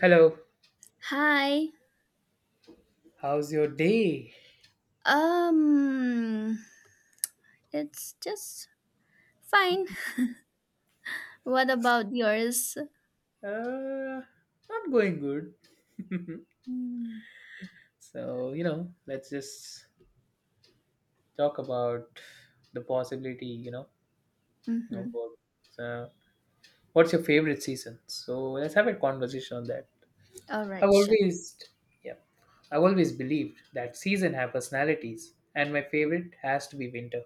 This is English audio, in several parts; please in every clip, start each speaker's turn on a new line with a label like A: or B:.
A: Hello,
B: Hi.
A: how's your day?
B: Um, it's just fine. What about yours?
A: Uh, Not going good. Let's just talk about the possibility of
B: Mm-hmm.
A: work. So, what's your favorite season? So, let's have a conversation on that.
B: All
A: I've
B: right, sure.
A: always, yeah, I've always believed that season have personalities, and my favorite has to be winter.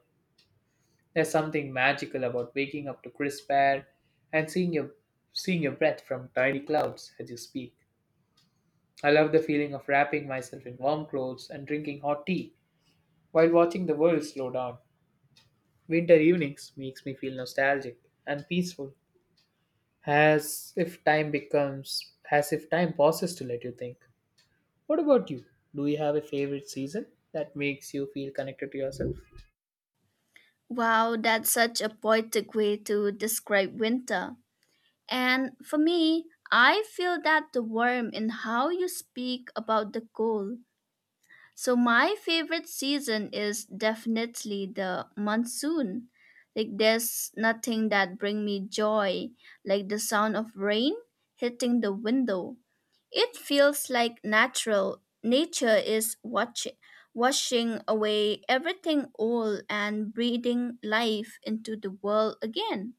A: There's something magical about waking up to crisp air and seeing your breath from tiny clouds as you speak. I love the feeling of wrapping myself in warm clothes and drinking hot tea while watching the world slow down. Winter evenings makes me feel nostalgic and peaceful, as if time pauses to let you think. What about you? Do you have a favorite season that makes you feel connected to yourself?
B: Wow, that's such a poetic way to describe winter. And for me, I feel that the warmth in how you speak about the cold. So my favorite season is definitely the monsoon. Like there's nothing that bring me joy like the sound of rain hitting the window. It feels like natural nature is watching washing away everything old and breathing life into the world again.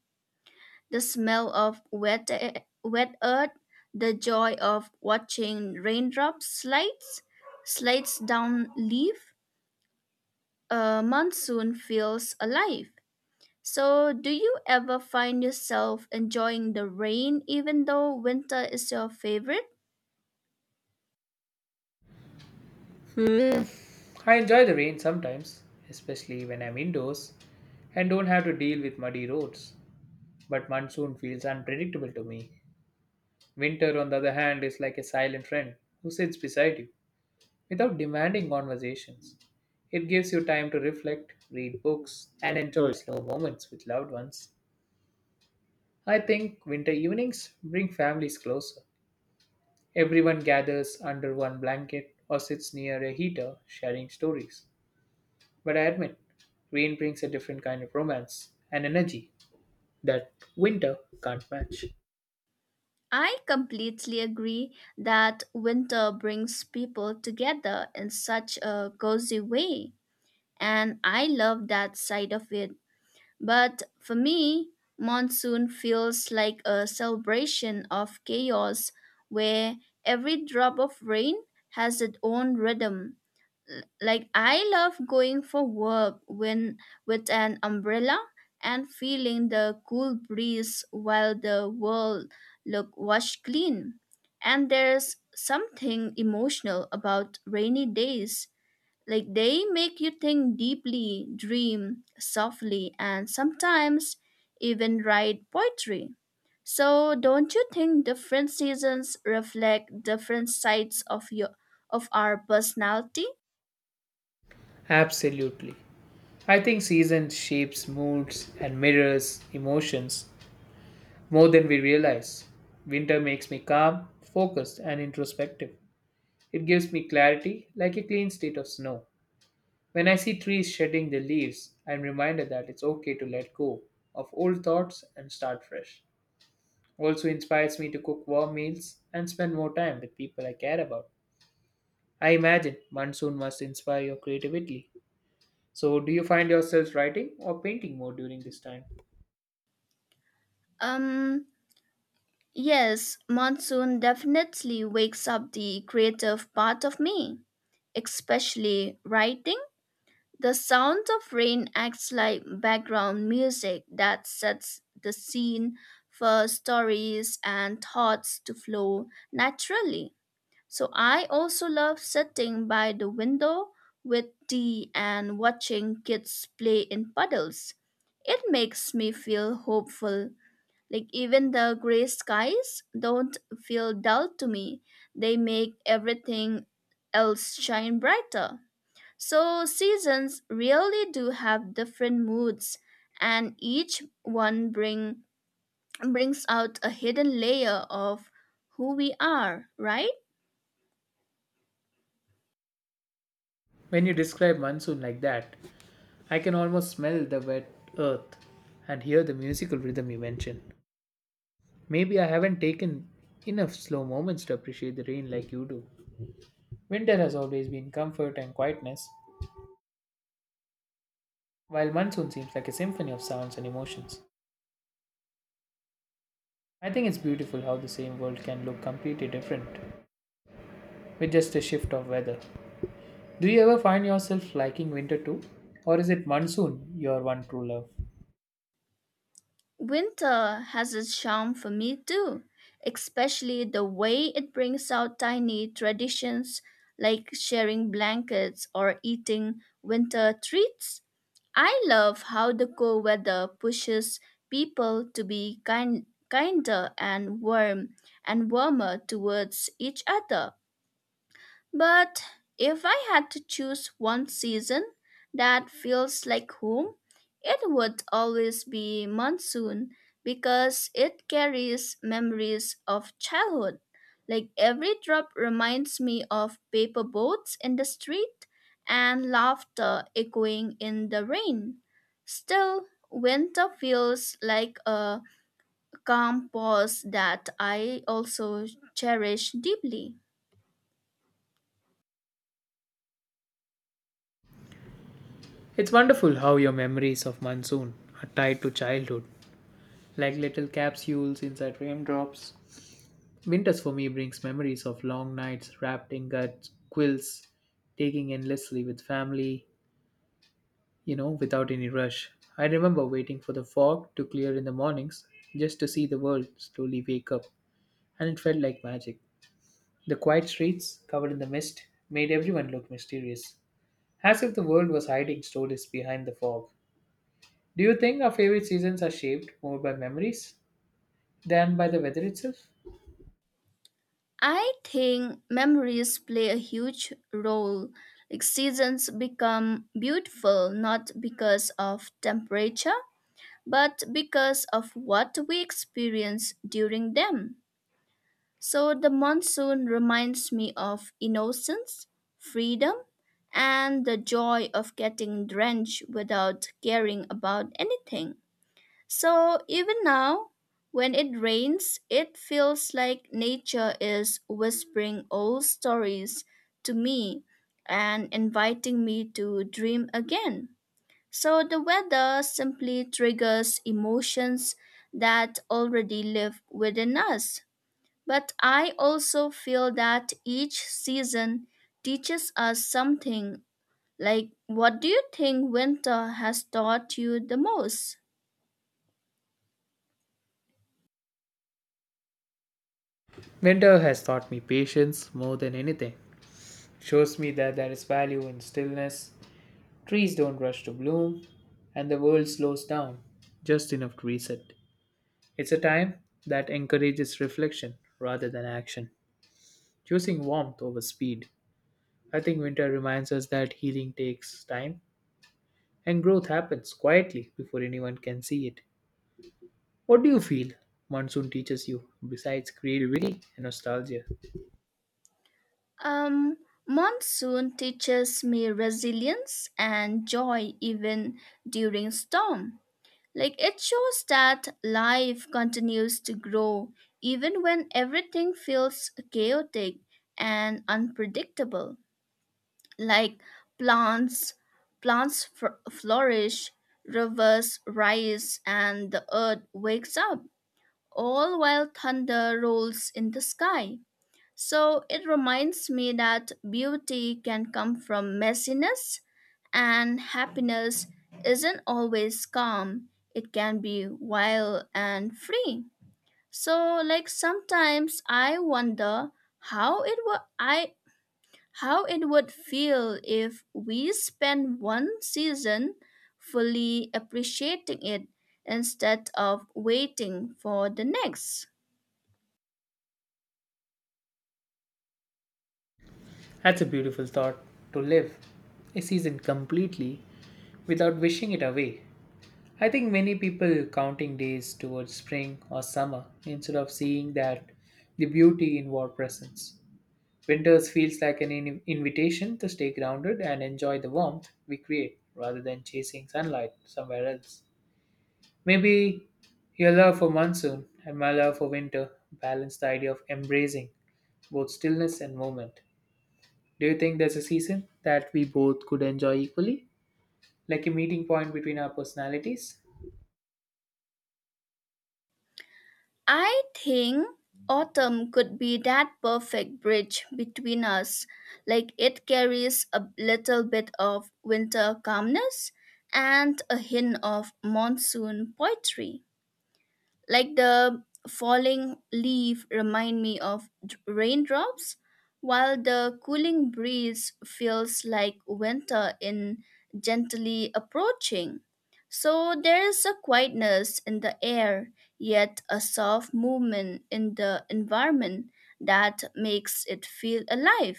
B: The smell of wet, wet earth, the joy of watching raindrops slides, slides down leaf, a monsoon feels alive. So, do you ever find yourself enjoying the rain even though winter is your favorite?
A: I enjoy the rain sometimes, especially when I'm indoors and don't have to deal with muddy roads. But monsoon feels unpredictable to me. Winter, on the other hand, is like a silent friend who sits beside you without demanding conversations. It gives you time to reflect, read books, and enjoy slow moments with loved ones. I think winter evenings bring families closer. Everyone gathers under one blanket or sits near a heater sharing stories. But I admit, rain brings a different kind of romance and energy that winter can't match.
B: I completely agree that winter brings people together in such a cozy way, and I love that side of it. But for me, monsoon feels like a celebration of chaos where every drop of rain has its own rhythm. Like I love going for work when with an umbrella and feeling the cool breeze while the world look washed clean. And there's something emotional about rainy days like they make you think deeply, dream softly, and sometimes even write poetry. So don't you think different seasons reflect different sides of your of our personality?
A: Absolutely. I think seasons shapes moods and mirrors emotions more than we realize. Winter makes me calm, focused, and introspective. It gives me clarity like a clean state of snow. When I see trees shedding their leaves, I'm reminded that it's okay to let go of old thoughts and start fresh. Also inspires me to cook warm meals and spend more time with people I care about. I imagine monsoon must inspire your creativity. So, do you find yourselves writing or painting more during this time?
B: Um yes, monsoon definitely wakes up the creative part of me, especially writing. The sound of rain acts like background music that sets the scene for stories and thoughts to flow naturally. So I also love sitting by the window with tea and watching kids play in puddles. It makes me feel hopeful. Like even the gray skies don't feel dull to me. They make everything else shine brighter. So, seasons really do have different moods, and brings out a hidden layer of who we are, right?
A: When you describe monsoon like that, I can almost smell the wet earth and hear the musical rhythm you mention. Maybe I haven't taken enough slow moments to appreciate the rain like you do. Winter has always been comfort and quietness, while monsoon seems like a symphony of sounds and emotions. I think it's beautiful how the same world can look completely different with just a shift of weather. Do you ever find yourself liking winter too? Or is it monsoon your one true love?
B: Winter has its charm for me too, especially the way it brings out tiny traditions like sharing blankets or eating winter treats. I love how the cold weather pushes people to be kinder and warmer towards each other. But if I had to choose one season that feels like home, it would always be monsoon because it carries memories of childhood. Like every drop reminds me of paper boats in the street and laughter echoing in the rain. Still, winter feels like a calm pause that I also cherish deeply.
A: It's wonderful how your memories of monsoon are tied to childhood like little capsules inside raindrops. Winters for me brings memories of long nights wrapped in gut quills, taking endlessly with family, without any rush. I remember waiting for the fog to clear in the mornings just to see the world slowly wake up, and it felt like magic. The quiet streets, covered in the mist, made everyone look mysterious, as if the world was hiding stories behind the fog. Do you think our favorite seasons are shaped more by memories than by the weather itself?
B: I think memories play a huge role. Like seasons become beautiful not because of temperature, but because of what we experience during them. So the monsoon reminds me of innocence, freedom, and the joy of getting drenched without caring about anything. So even now, when it rains, it feels like nature is whispering old stories to me and inviting me to dream again. So the weather simply triggers emotions that already live within us. But I also feel that each season teaches us something. Like, what do you think winter has taught you the most?
A: Winter has taught me patience more than anything. Shows me that there is value in stillness. Trees don't rush to bloom, and the world slows down just enough to reset. It's a time that encourages reflection rather than action, choosing warmth over speed. I think winter reminds us that healing takes time and growth happens quietly before anyone can see it. What do you feel monsoon teaches you besides creativity and nostalgia?
B: Um, Monsoon teaches me resilience and joy even during storm. Like it shows that life continues to grow even when everything feels chaotic and unpredictable. Like plants, flourish, rivers rise, and the earth wakes up, all while thunder rolls in the sky. So it reminds me that beauty can come from messiness, and happiness isn't always calm, it can be wild and free. So like sometimes I wonder how it would I how it would feel if we spend one season fully appreciating it instead of waiting for the next.
A: That's a beautiful thought to live a season completely without wishing it away. I think many people counting days towards spring or summer instead of seeing that the beauty in war presence. Winters feels like an invitation to stay grounded and enjoy the warmth we create rather than chasing sunlight somewhere else. Maybe your love for monsoon and my love for winter balance the idea of embracing both stillness and movement. Do you think there's a season that we both could enjoy equally? Like a meeting point between our personalities?
B: I think autumn could be that perfect bridge between us. Like it carries a little bit of winter calmness and a hint of monsoon poetry like the falling leaf remind me of raindrops while the cooling breeze feels like winter in gently approaching. So there is a quietness in the air yet a soft movement in the environment that makes it feel alive.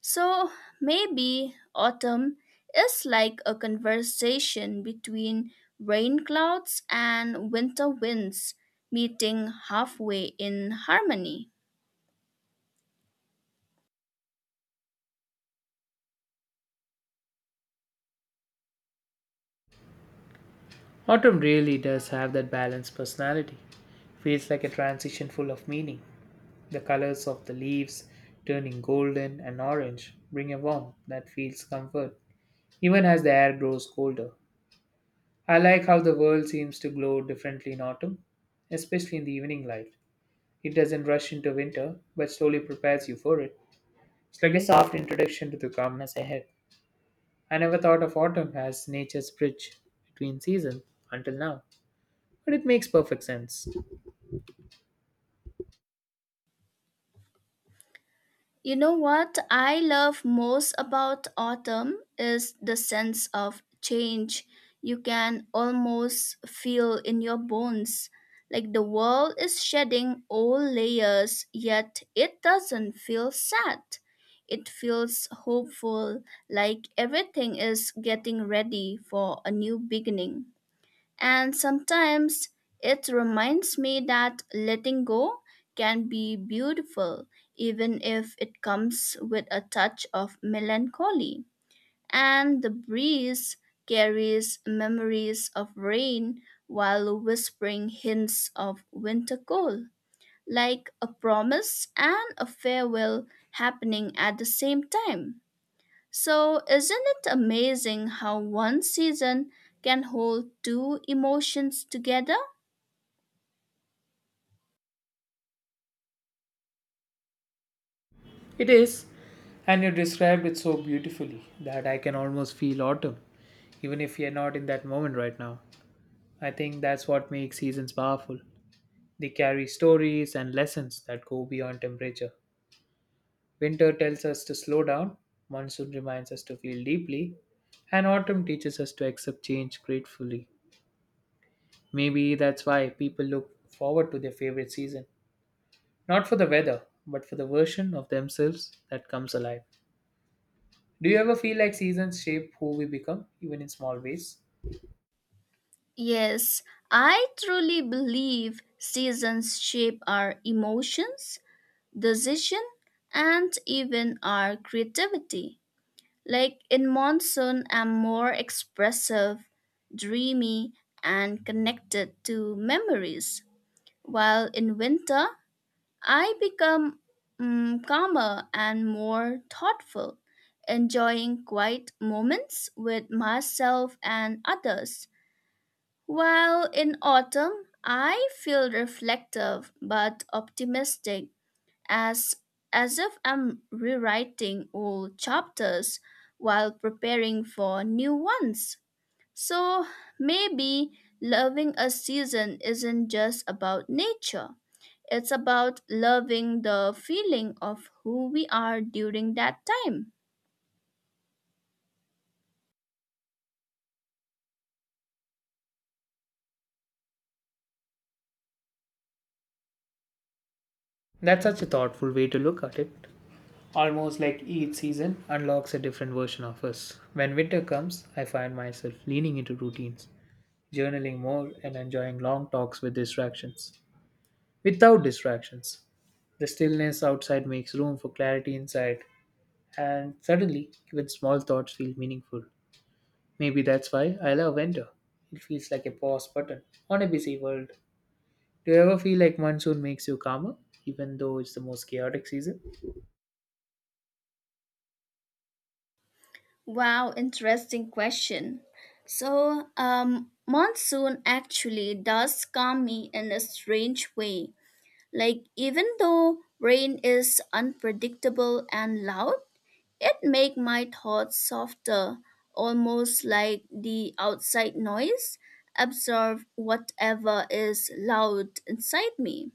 B: So maybe autumn is like a conversation between rain clouds and winter winds meeting halfway in harmony.
A: Autumn really does have that balanced personality. Feels like a transition full of meaning. The colors of the leaves turning golden and orange bring a warmth that feels comfort, even as the air grows colder. I like how the world seems to glow differently in autumn, especially in the evening light. It doesn't rush into winter, but slowly prepares you for it. It's like a soft introduction to the calmness ahead. I never thought of autumn as nature's bridge between seasons until now, but it makes perfect sense.
B: You know what I love most about autumn is the sense of change you can almost feel in your bones. Like the world is shedding old layers, yet it doesn't feel sad. It feels hopeful, like everything is getting ready for a new beginning. And sometimes it reminds me that letting go can be beautiful, even if it comes with a touch of melancholy. And the breeze carries memories of rain while whispering hints of winter cold, like a promise and a farewell happening at the same time. So, isn't it amazing how one season can hold two emotions together?
A: It is, and you described it so beautifully that I can almost feel autumn, even if you're not in that moment right now. I think that's what makes seasons powerful. They carry stories and lessons that go beyond temperature. Winter tells us to slow down, monsoon reminds us to feel deeply, and autumn teaches us to accept change gratefully. Maybe that's why people look forward to their favorite season. Not for the weather, but for the version of themselves that comes alive. Do you ever feel like seasons shape who we become, even in small ways?
B: Yes, I truly believe seasons shape our emotions, decision, and even our creativity. Like in monsoon, I'm more expressive, dreamy, and connected to memories, while in winter, I become calmer and more thoughtful, enjoying quiet moments with myself and others. While in autumn, I feel reflective but optimistic, as, as if I'm rewriting old chapters while preparing for new ones. So maybe loving a season isn't just about nature, it's about loving the feeling of who we are during that time.
A: That's such a thoughtful way to look at it. Almost like each season unlocks a different version of us. When winter comes, I find myself leaning into routines, journaling more, and enjoying long talks with distractions. Without distractions, the stillness outside makes room for clarity inside, and suddenly, even small thoughts feel meaningful. Maybe that's why I love winter. It feels like a pause button on a busy world. Do you ever feel like monsoon makes you calmer, even though it's the most chaotic season?
B: Wow, interesting question. So, monsoon actually does calm me in a strange way. Like even though rain is unpredictable and loud, it make my thoughts softer, almost like the outside noise absorb whatever is loud inside me.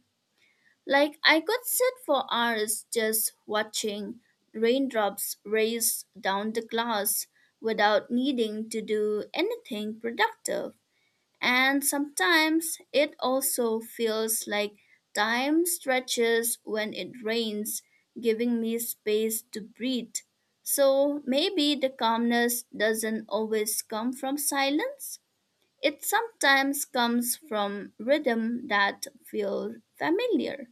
B: Like I could sit for hours just watching raindrops race down the glass without needing to do anything productive. And sometimes it also feels like time stretches when it rains, giving me space to breathe. So maybe the calmness doesn't always come from silence. It sometimes comes from rhythm that feel familiar.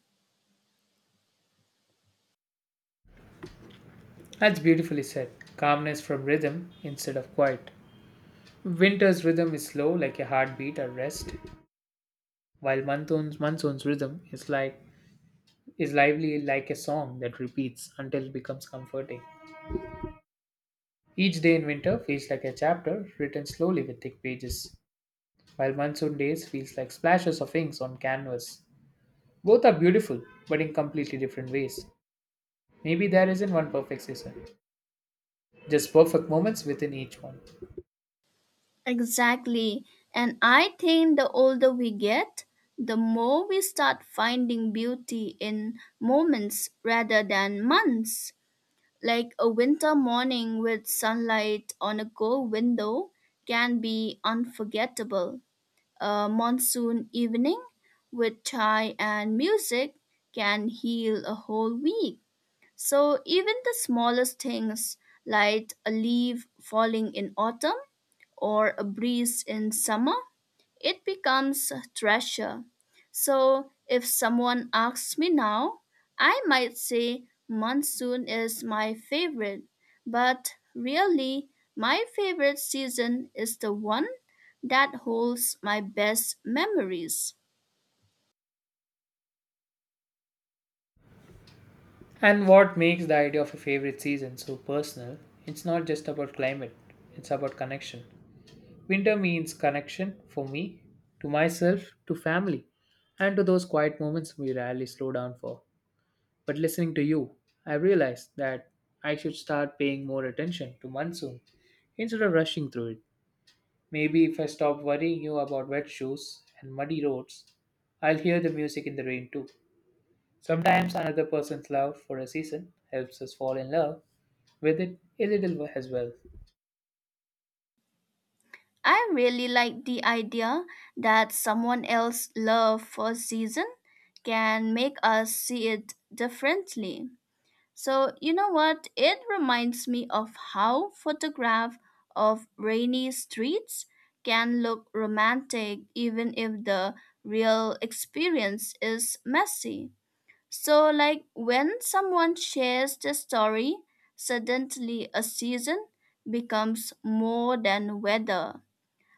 A: That's beautifully said. Calmness from rhythm instead of quiet. Winter's rhythm is slow, like a heartbeat or rest, while monsoon's rhythm is lively, like a song that repeats until it becomes comforting. Each day in winter feels like a chapter written slowly with thick pages, while monsoon days feels like splashes of inks on canvas. Both are beautiful, but in completely different ways. Maybe there isn't one perfect season, just perfect moments within each one.
B: Exactly. And I think the older we get, the more we start finding beauty in moments rather than months. Like a winter morning with sunlight on a gold window can be unforgettable. A monsoon evening with chai and music can heal a whole week. So even the smallest things, like a leaf falling in autumn, or a breeze in summer, it becomes a treasure. So if someone asks me now, I might say monsoon is my favorite, but really, my favorite season is the one that holds my best memories.
A: And what makes the idea of a favorite season so personal? It's not just about climate, it's about connection. Winter means connection for me, to myself, to family, and to those quiet moments we rarely slow down for. But listening to you, I realized that I should start paying more attention to monsoon instead of rushing through it. Maybe if I stop worrying you about wet shoes and muddy roads, I'll hear the music in the rain too. Sometimes another person's love for a season helps us fall in love with it a little as well.
B: I really like the idea that someone else's love for a season can make us see it differently. So, you know what? It reminds me of how photograph of rainy streets can look romantic even if the real experience is messy. So, like when someone shares the story, suddenly a season becomes more than weather.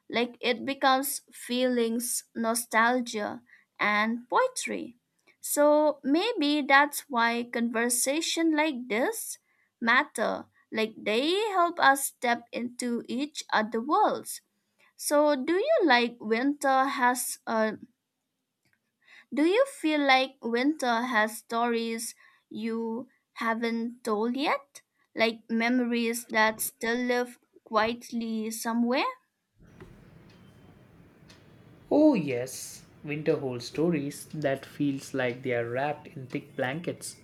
B: Like it becomes feelings, nostalgia, and poetry. So maybe that's why conversation like this matter. Like they help us step into each other worlds. So do you feel like winter has stories you haven't told yet? Like memories that still live quietly somewhere?
A: Oh yes, winter holds stories that feels like they are wrapped in thick blankets,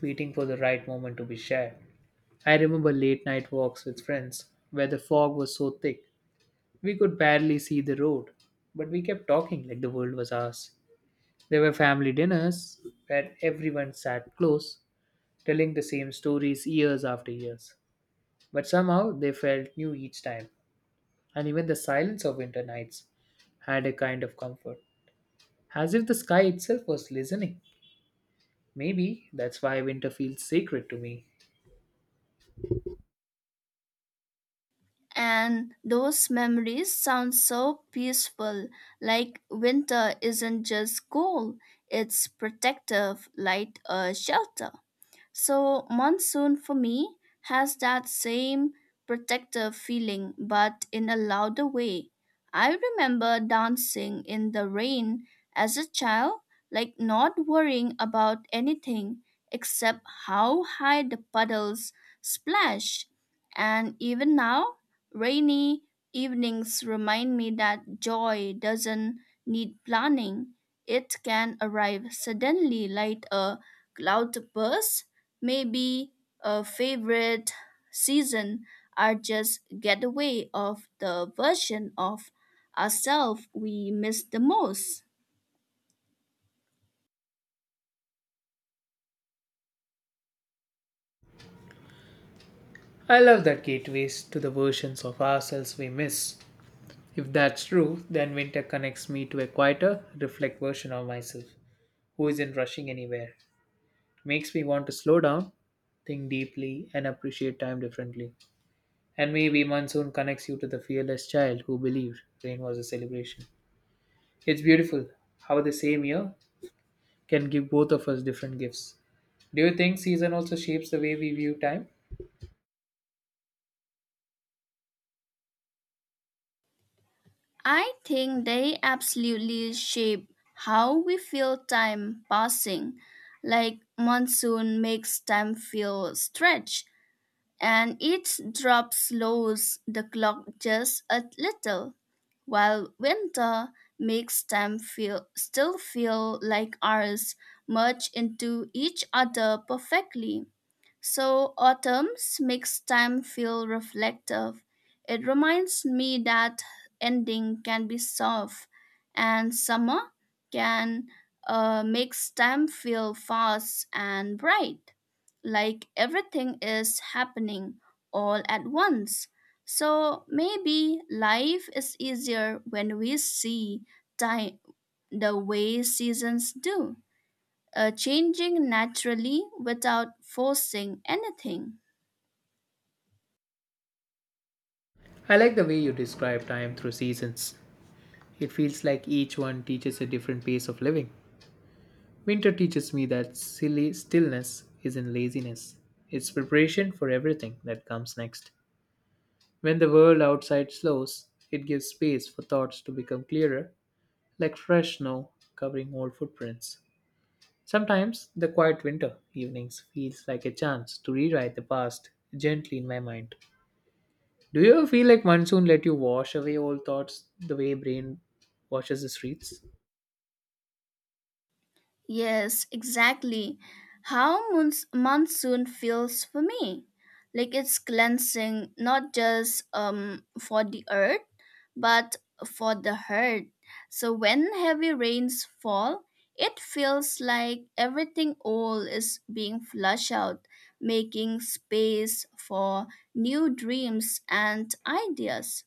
A: waiting for the right moment to be shared. I remember late night walks with friends where the fog was so thick we could barely see the road, but we kept talking like the world was ours. There were family dinners where everyone sat close, telling the same stories years after years. But somehow they felt new each time, and even the silence of winter nights had a kind of comfort, as if the sky itself was listening. Maybe that's why winter feels sacred to me.
B: And those memories sound so peaceful, like winter isn't just cold, it's protective, like a shelter. So, monsoon for me has that same protective feeling, but in a louder way. I remember dancing in the rain as a child, like not worrying about anything except how high the puddles splash. And even now, rainy evenings remind me that joy doesn't need planning. It can arrive suddenly like a cloud burst. Maybe a favorite season are just getaway of the version of ourselves we miss the most.
A: I love that gateways to the versions of ourselves we miss. If that's true, then winter connects me to a quieter, reflect version of myself, who isn't rushing anywhere. Makes me want to slow down, think deeply, and appreciate time differently. And maybe monsoon connects you to the fearless child who believed rain was a celebration. It's beautiful how the same year can give both of us different gifts. Do you think season also shapes the way we view time?
B: I think they absolutely shape how we feel time passing. Like monsoon makes time feel stretched, and each drop slows the clock just a little. While winter makes them feel like ours merge into each other perfectly. So autumn's makes time feel reflective. It reminds me that ending can be soft, and summer can makes time feel fast and bright, like everything is happening all at once. So maybe life is easier when we see time the way seasons do, changing naturally without forcing anything.
A: I like the way you describe time through seasons. It feels like each one teaches a different pace of living. Winter teaches me that silly stillness isn't laziness. It's preparation for everything that comes next. When the world outside slows, it gives space for thoughts to become clearer, like fresh snow covering old footprints. Sometimes the quiet winter evenings feels like a chance to rewrite the past gently in my mind. Do you ever feel like monsoon let you wash away old thoughts the way brain washes the streets?
B: Yes, exactly. How monsoon feels for me. Like it's cleansing not just for the earth, but for the heart. So when heavy rains fall, it feels like everything old is being flushed out, making space for new dreams and ideas.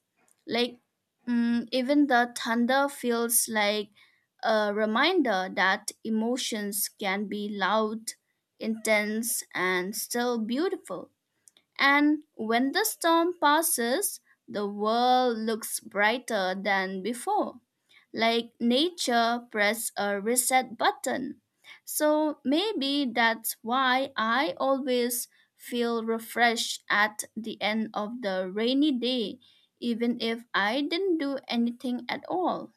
B: Like even the thunder feels like a reminder that emotions can be loud, intense, and still beautiful. And when the storm passes, the world looks brighter than before, like nature pressed a reset button. So maybe that's why I always feel refreshed at the end of the rainy day, even if I didn't do anything at all.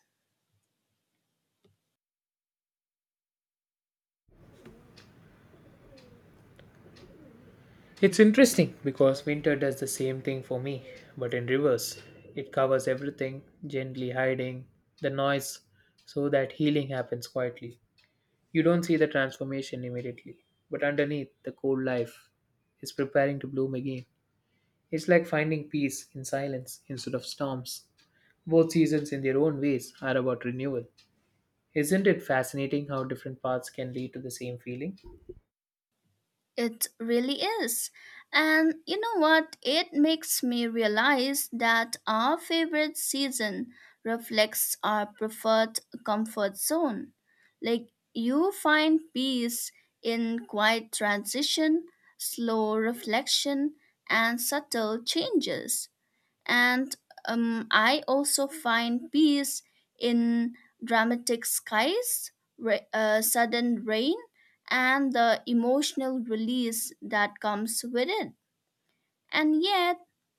A: It's interesting because winter does the same thing for me, but in reverse. It covers everything, gently hiding the noise so that healing happens quietly. You don't see the transformation immediately, but underneath, the cold life is preparing to bloom again. It's like finding peace in silence instead of storms. Both seasons, in their own ways, are about renewal. Isn't it fascinating how different paths can lead to the same feeling?
B: It really is. And you know what? It makes me realize that our favorite season reflects our preferred comfort zone. Like you find peace in quiet transition, slow reflection, and subtle changes and I also find peace in dramatic skies, sudden rain, and the emotional release that comes with it. And yet,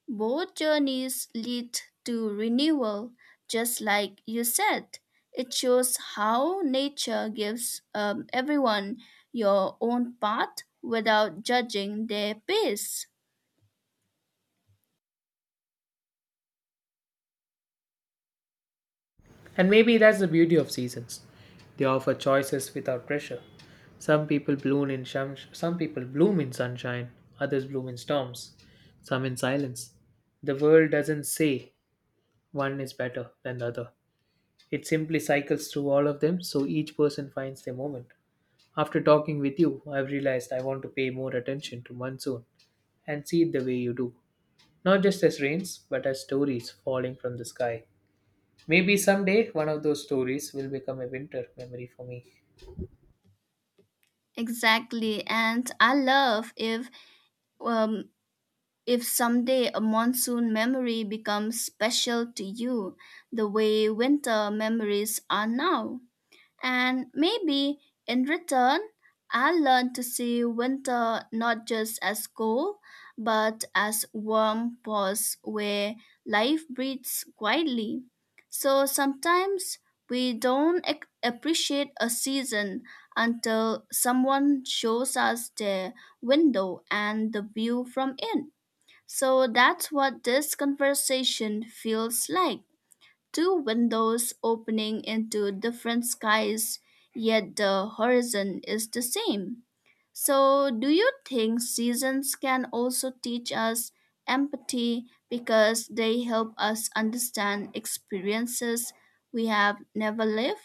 B: both journeys lead to renewal, just like you said. It shows how nature gives everyone your own path without judging their pace.
A: And maybe that's the beauty of seasons. They offer choices without pressure. Some people bloom in sunshine, others bloom in storms, some in silence. The world doesn't say one is better than the other. It simply cycles through all of them so each person finds their moment. After talking with you, I've realized I want to pay more attention to monsoon and see it the way you do. Not just as rains, but as stories falling from the sky. Maybe someday one of those stories will become a winter memory for me.
B: Exactly, and I love if um, If someday a monsoon memory becomes special to you, the way winter memories are now. And maybe in return, I'll learn to see winter not just as cold, but as warm pause where life breathes quietly. So sometimes we don't appreciate a season until someone shows us their window and the view from it. So that's what this conversation feels like. Two windows opening into different skies, yet the horizon is the same. So, do you think seasons can also teach us empathy because they help us understand experiences we have never lived?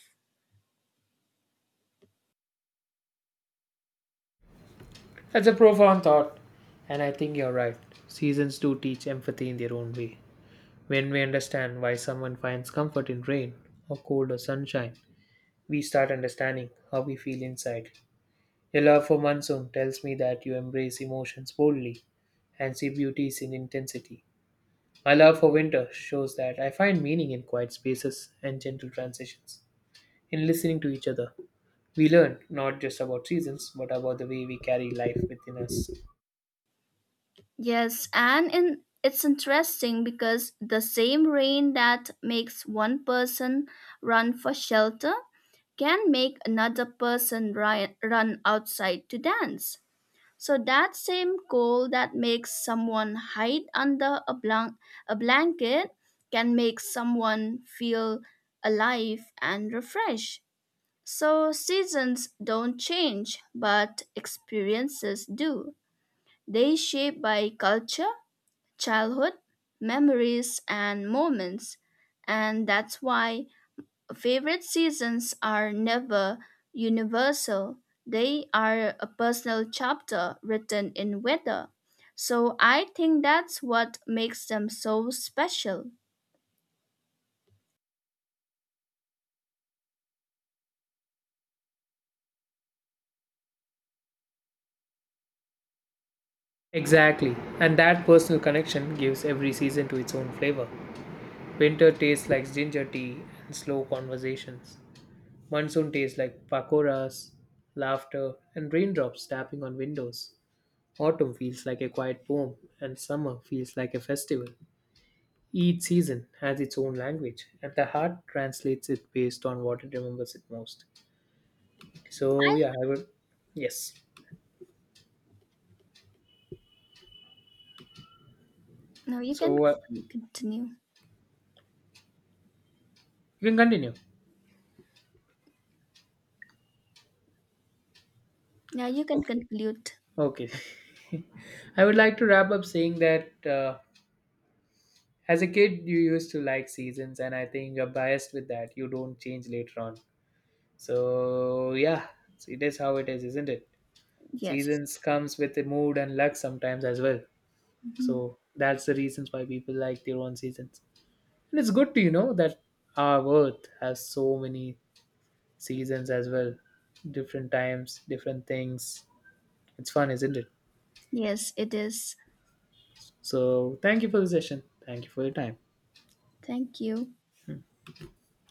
A: That's a profound thought, and I think you're right. Seasons do teach empathy in their own way. When we understand why someone finds comfort in rain, or cold, or sunshine, we start understanding how we feel inside. Your love for monsoon tells me that you embrace emotions boldly and see beauties in intensity. My love for winter shows that I find meaning in quiet spaces and gentle transitions. In listening to each other, we learn not just about seasons but about the way we carry life within us.
B: Yes, and it's interesting because the same rain that makes one person run for shelter can make another person run outside to dance. So that same cold that makes someone hide under a blanket can make someone feel alive and refreshed. So seasons don't change, but experiences do. They shape by culture, childhood, memories, and moments. And that's why favorite seasons are never universal, they are a personal chapter written in weather. So I think that's what makes them so special.
A: Exactly, and that personal connection gives every season to its own flavor. Winter tastes like ginger tea and slow conversations. Monsoon tastes like pakoras, laughter, and raindrops tapping on windows. Autumn feels like a quiet poem, and summer feels like a festival. Each season has its own language, and the heart translates it based on what it remembers it most. So, yeah, I would. Yes.
B: Now you can
A: So,
B: continue.
A: you can continue.
B: Yeah, you can conclude.
A: Okay. I would like to wrap up saying that as a kid, you used to like seasons, and I think you're biased with that. You don't change later on. So, yeah, so it is how it is, isn't it?
B: Yes.
A: Seasons comes with a mood and luck sometimes as well.
B: Mhm.
A: So that's the reasons why people like their own seasons. And it's good to you know that our Earth has so many seasons as well, different times, different things. It's fun, isn't it?
B: Yes, it is.
A: So thank you for the session. Thank you for your time.
B: Thank you.